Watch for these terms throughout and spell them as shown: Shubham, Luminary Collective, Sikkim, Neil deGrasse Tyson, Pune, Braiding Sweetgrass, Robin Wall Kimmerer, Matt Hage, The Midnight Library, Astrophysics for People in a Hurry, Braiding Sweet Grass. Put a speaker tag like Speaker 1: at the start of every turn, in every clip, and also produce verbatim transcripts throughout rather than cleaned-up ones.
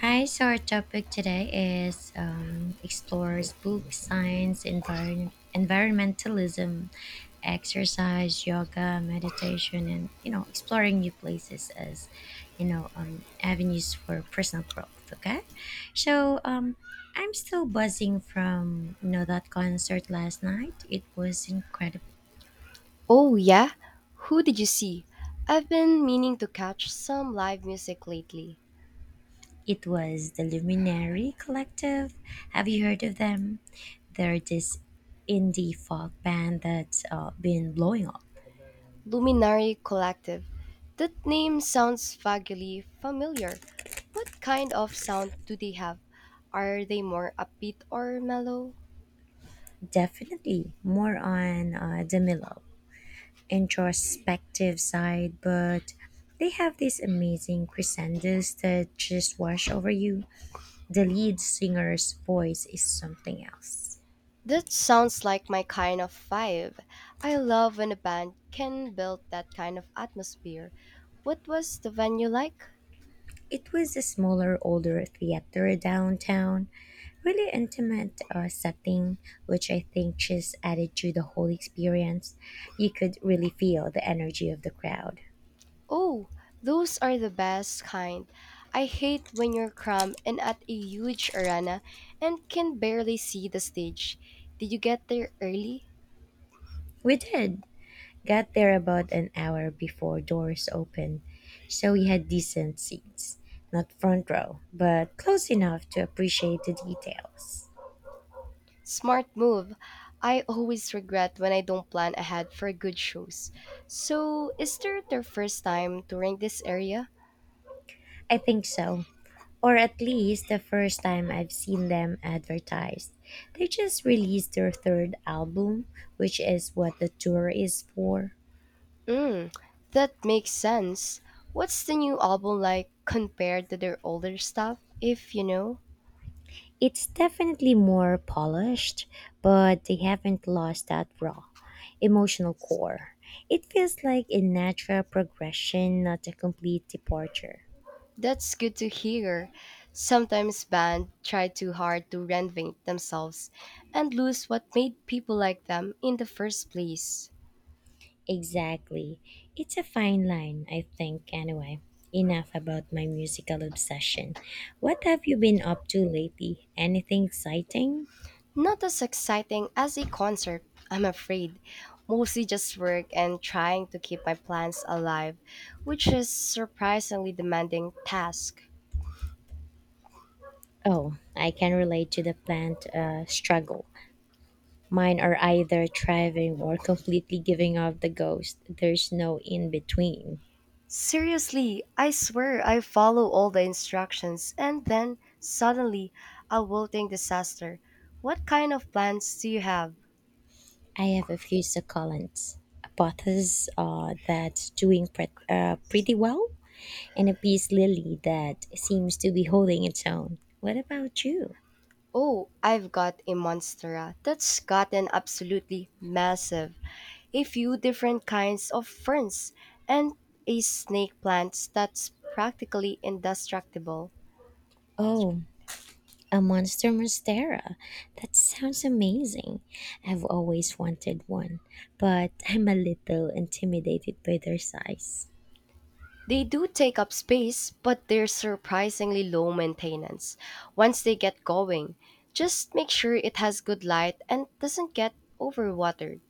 Speaker 1: Hi, so our topic today is um, explores books, science, environ- environmentalism, exercise, yoga, meditation, and you know exploring new places as you know um, avenues for personal growth. Okay, so um, I'm still buzzing from you know that concert last night. It was incredible.
Speaker 2: Oh, yeah? Who did you see? I've been meaning to catch some live music lately.
Speaker 1: It was the Luminary Collective. Have you heard of them? They're this indie folk band that's uh, been blowing up.
Speaker 2: Luminary Collective. That name sounds vaguely familiar. What kind of sound do they have? Are they more upbeat or mellow?
Speaker 1: Definitely more on uh, the mellow, introspective side, but they have these amazing crescendos that just wash over you. The lead singer's voice is something else.
Speaker 2: That sounds like my kind of vibe. I love when a band can build that kind of atmosphere. What was the venue like?
Speaker 1: It was a smaller, older theater downtown, really intimate uh, setting, which I think just added to the whole experience. You could really feel the energy of the crowd.
Speaker 2: Oh, those are the best kind. I hate when you're cramped and at a huge arena and can barely see the stage. Did you get there early?
Speaker 1: We did. Got there about an hour before doors opened, so we had decent seats. Not front row, but close enough to appreciate the details.
Speaker 2: Smart move. I always regret when I don't plan ahead for good shows. So, is there their first time touring this area?
Speaker 1: I think so. Or at least the first time I've seen them advertised. They just released their third album, which is what the tour is for.
Speaker 2: Mm, that makes sense. What's the new album like compared to their older stuff, if you know?
Speaker 1: It's definitely more polished, but they haven't lost that raw, emotional core. It feels like a natural progression, not a complete departure.
Speaker 2: That's good to hear. Sometimes bands try too hard to reinvent themselves and lose what made people like them in the first place.
Speaker 1: Exactly. It's a fine line, I think, anyway. Enough about my musical obsession. What have you been up to lately? Anything exciting?
Speaker 2: Not as exciting as a concert, I'm afraid. Mostly just work and trying to keep my plans alive, which is surprisingly demanding task.
Speaker 1: Oh, I can relate to the plant uh, struggle. Mine are either thriving or completely giving up the ghost. There's no in between.
Speaker 2: Seriously, I swear I follow all the instructions and then suddenly a wilting disaster. What kind of plans do you have?
Speaker 1: I have a few succulents, a pothos uh, that's doing pre- uh, pretty well, and a peace lily that seems to be holding its own. What about you?
Speaker 2: Oh, I've got a monstera that's gotten absolutely massive, a few different kinds of ferns, and a snake plant that's practically indestructible.
Speaker 1: Oh, a monster monstera. That sounds amazing. I've always wanted one, but I'm a little intimidated by their size.
Speaker 2: They do take up space, but they're surprisingly low maintenance once they get going. Just make sure it has good light and doesn't get overwatered.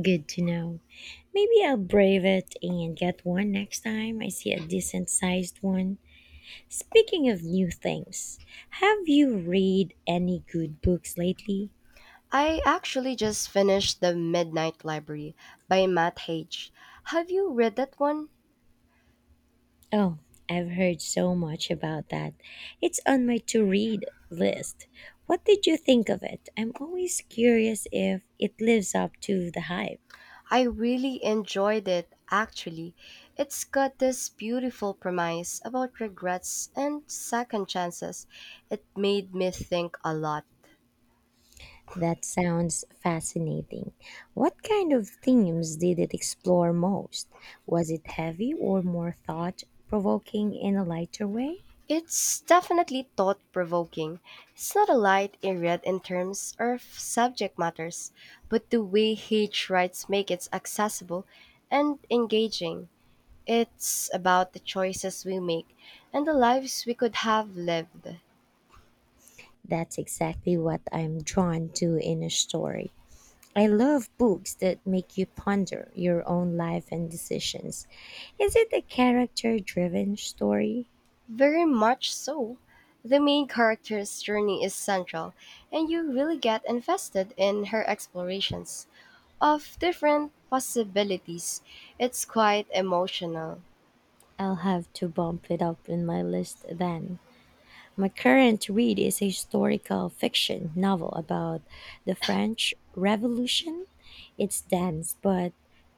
Speaker 1: Good to know. Maybe I'll brave it and get one next time I see a decent sized one. Speaking of new things, have you read any good books lately?
Speaker 2: I actually just finished The Midnight Library by Matt Hage. Have you read that one?
Speaker 1: Oh, I've heard so much about that. It's on my to read list. What did you think of it? I'm always curious if it lives up to the hype.
Speaker 2: I really enjoyed it, actually. It's got this beautiful premise about regrets and second chances. It made me think a lot.
Speaker 1: That sounds fascinating. What kind of themes did it explore most? Was it heavy or more thought provoking in a lighter way?
Speaker 2: It's definitely thought provoking. It's not a light read in terms of subject matters, but the way Hage writes make it accessible and engaging. It's about the choices we make and the lives we could have lived.
Speaker 1: That's exactly what I'm drawn to in a story. I love books that make you ponder your own life and decisions. Is it a character driven story?
Speaker 2: Very much so. The main character's journey is central, and you really get invested in her explorations of different possibilities. It's quite emotional.
Speaker 1: I'll have to bump it up in my list then. My current read is a historical fiction novel about the French Revolution. It's dense but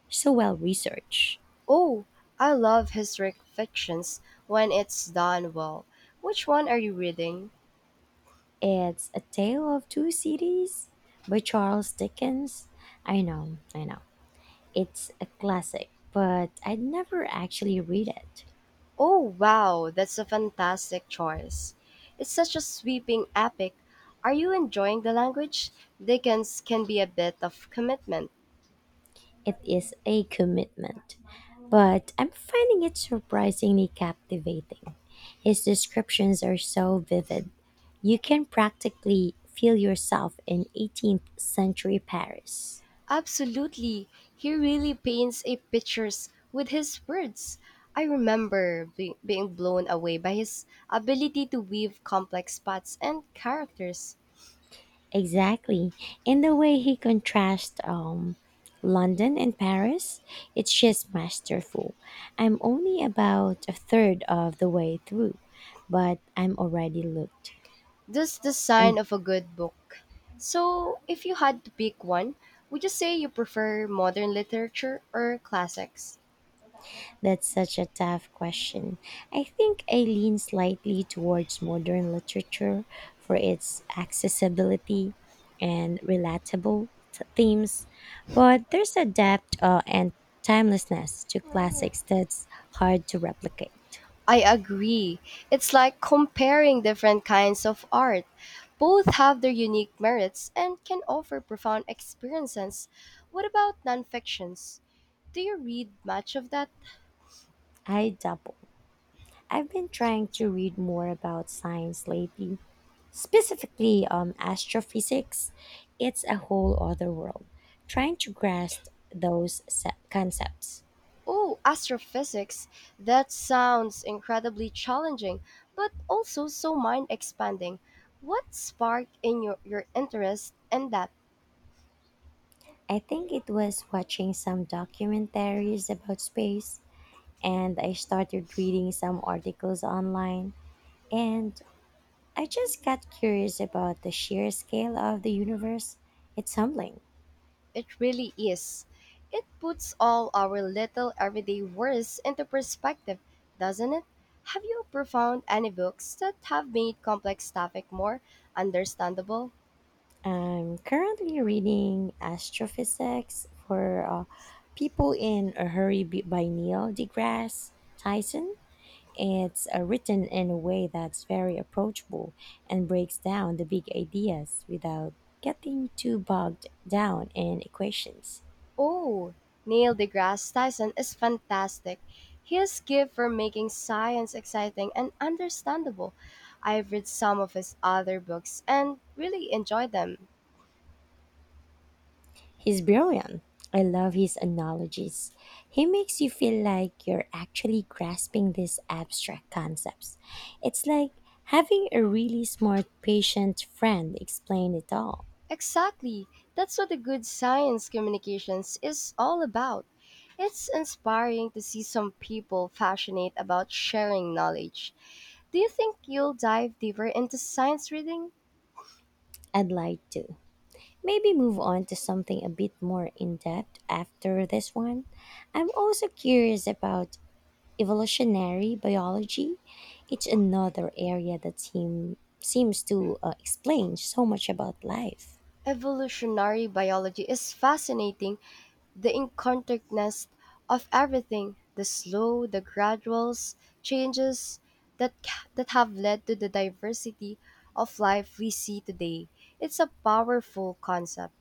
Speaker 1: so well researched.
Speaker 2: Oh, I love historic fictions when it's done well. Which one are you reading?
Speaker 1: It's A Tale of Two Cities by Charles Dickens. I know, I know. It's a classic, but I never actually read it.
Speaker 2: Oh, wow, that's a fantastic choice. It's such a sweeping epic. Are you enjoying the language? Dickens can be a bit of commitment.
Speaker 1: It is a commitment, but I'm finding it surprisingly captivating. His descriptions are so vivid. You can practically feel yourself in eighteenth century Paris.
Speaker 2: Absolutely. He really paints a pictures with his words. I remember be- being blown away by his ability to weave complex plots and characters.
Speaker 1: Exactly. In the way he contrasts um, London and Paris, it's just masterful. I'm only about a third of the way through, but I'm already looked.
Speaker 2: That's the
Speaker 1: I'm
Speaker 2: sign of a good book. So, if you had to pick one, would you say you prefer modern literature or classics?
Speaker 1: That's such a tough question. I think I lean slightly towards modern literature for its accessibility and relatable t- themes, but there's a depth uh, and timelessness to classics that's hard to replicate.
Speaker 2: I agree. It's like comparing different kinds of art. Both have their unique merits and can offer profound experiences. What about nonfictions? Do you read much of that?
Speaker 1: I double. I've been trying to read more about science lately, specifically um, astrophysics. It's a whole other world, trying to grasp those se- concepts.
Speaker 2: Oh, astrophysics. That sounds incredibly challenging, but also so mind expanding. What sparked in your, your interest in that?
Speaker 1: I think it was watching some documentaries about space, and I started reading some articles online, and I just got curious about the sheer scale of the universe. It's humbling.
Speaker 2: It really is. It puts all our little everyday worries into perspective, doesn't it? Have you ever found any books that have made complex topic more understandable?
Speaker 1: I'm currently reading Astrophysics for uh, People in a Hurry b- by Neil deGrasse Tyson. It's uh, written in a way that's very approachable and breaks down the big ideas without getting too bogged down in equations.
Speaker 2: Oh, Neil deGrasse Tyson is fantastic. His gift for making science exciting and understandable. I've read some of his other books and really enjoyed them.
Speaker 1: He's brilliant. I love his analogies. He makes you feel like you're actually grasping these abstract concepts. It's like having a really smart patient friend explain it all.
Speaker 2: Exactly. That's what the good science communications is all about. It's inspiring to see some people passionate about sharing knowledge. Do you think you'll dive deeper into science reading?
Speaker 1: I'd like to. Maybe move on to something a bit more in depth after this one. I'm also curious about evolutionary biology. It's another area that seem, seems to uh, explain so much about life.
Speaker 2: Evolutionary biology is fascinating, the incontentness of everything, the slow, the graduals, changes that ca- that have led to the diversity of life we see today. It's a powerful concept.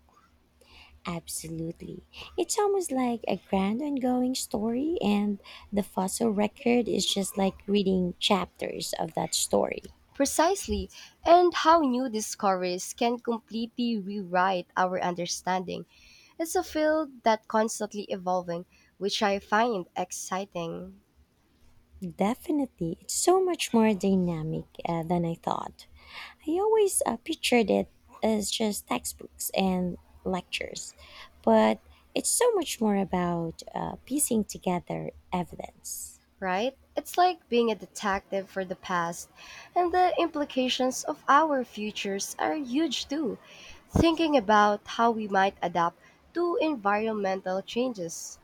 Speaker 1: Absolutely. It's almost like a grand ongoing story, and the fossil record is just like reading chapters of that story.
Speaker 2: Precisely, and how new discoveries can completely rewrite our understanding. It's a field that's constantly evolving, which I find exciting,
Speaker 1: Definitely. It's so much more dynamic uh, than I thought. I always uh, pictured it as just textbooks and lectures, but it's so much more about uh, piecing together evidence.
Speaker 2: right? It's like being a detective for the past, and the implications of our futures are huge too. Thinking about how we might adapt to environmental changes.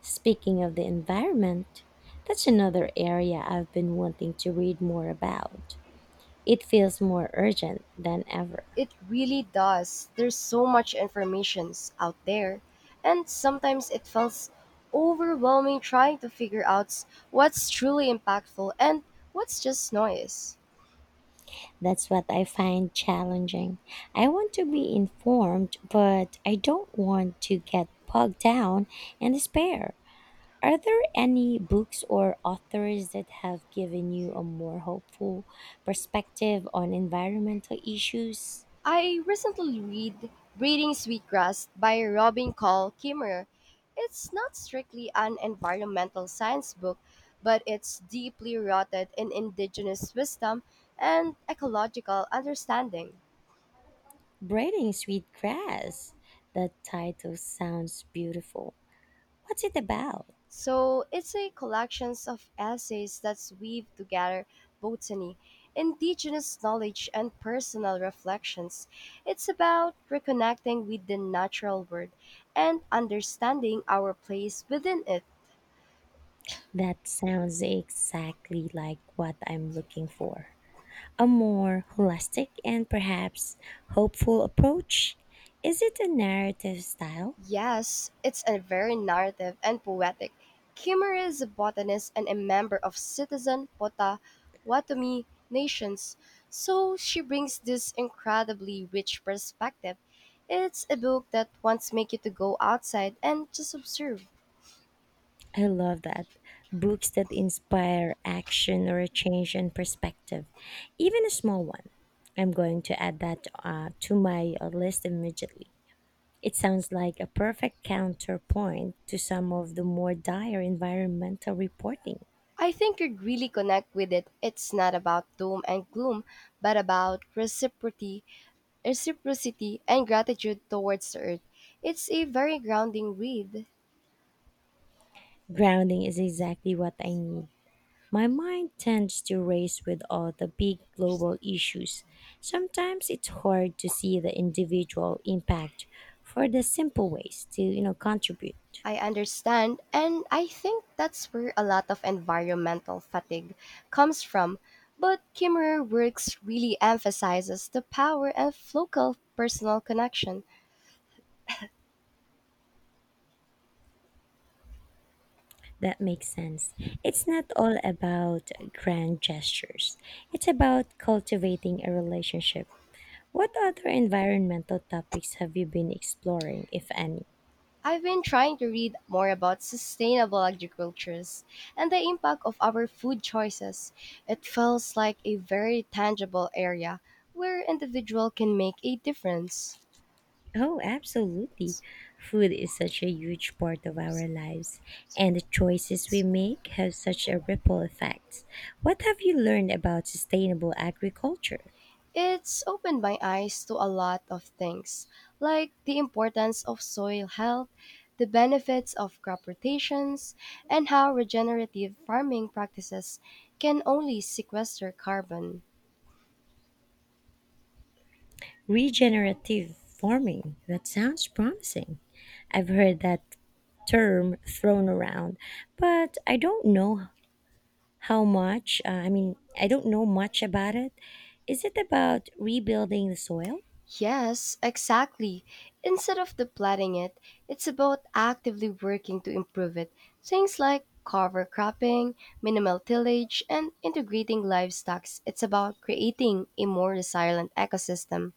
Speaker 1: Speaking of the environment, that's another area I've been wanting to read more about. It feels more urgent than ever.
Speaker 2: It really does. There's so much informations out there, and sometimes it feels overwhelming trying to figure out s- what's truly impactful and what's just noise.
Speaker 1: That's what I find challenging. I want to be informed, but I don't want to get bogged down in despair. Are there any books or authors that have given you a more hopeful perspective on environmental issues?
Speaker 2: I recently read Breeding Sweetgrass by Robin Call Kimmerer. It's not strictly an environmental science book, but it's deeply rooted in indigenous wisdom and ecological understanding.
Speaker 1: Braiding Sweet Grass. That title sounds beautiful. What's it about?
Speaker 2: So it's a collections of essays that weave together botany, indigenous knowledge, and personal reflections. It's about reconnecting with the natural world and understanding our place within it.
Speaker 1: That sounds exactly like what I'm looking for. A more holistic and perhaps hopeful approach? Is it a narrative style?
Speaker 2: Yes, it's a very narrative and poetic. Kimura is a botanist and a member of citizen Potawatomi nations, so she brings this incredibly rich perspective. It's a book that wants make you to go outside and just observe.
Speaker 1: I love that. Books that inspire action or a change in perspective, even a small one. I'm going to add that uh, to my uh, list immediately. It sounds like a perfect counterpoint to some of the more dire environmental reporting.
Speaker 2: I think you'd really connect with it. It's not about doom and gloom, but about reciprocity, reciprocity and gratitude towards the earth. It's a very grounding read.
Speaker 1: Grounding is exactly what I need. My mind tends to race with all the big global issues. Sometimes it's hard to see the individual impact for the simple ways to, you know, contribute.
Speaker 2: I understand, and I think that's where a lot of environmental fatigue comes from. But Kimmerer Works really emphasizes the power of local personal connection.
Speaker 1: That makes sense. It's not all about grand gestures. It's about cultivating a relationship. What other environmental topics have you been exploring, if any?
Speaker 2: I've been trying to read more about sustainable agricultures and the impact of our food choices. It feels like a very tangible area where individual can make a difference.
Speaker 1: Oh, absolutely. Food is such a huge part of our lives, and the choices we make have such a ripple effect. What have you learned about sustainable agriculture?
Speaker 2: It's opened my eyes to a lot of things, like the importance of soil health, the benefits of crop rotations, and how regenerative farming practices can only sequester carbon.
Speaker 1: Regenerative farming. That sounds promising. I've heard that term thrown around, but I don't know how much. Uh, I mean, I don't know much about it. Is it about rebuilding the soil?
Speaker 2: Yes, exactly. Instead of depleting it, it's about actively working to improve it. Things like cover cropping, minimal tillage, and integrating livestock. It's about creating a more resilient ecosystem.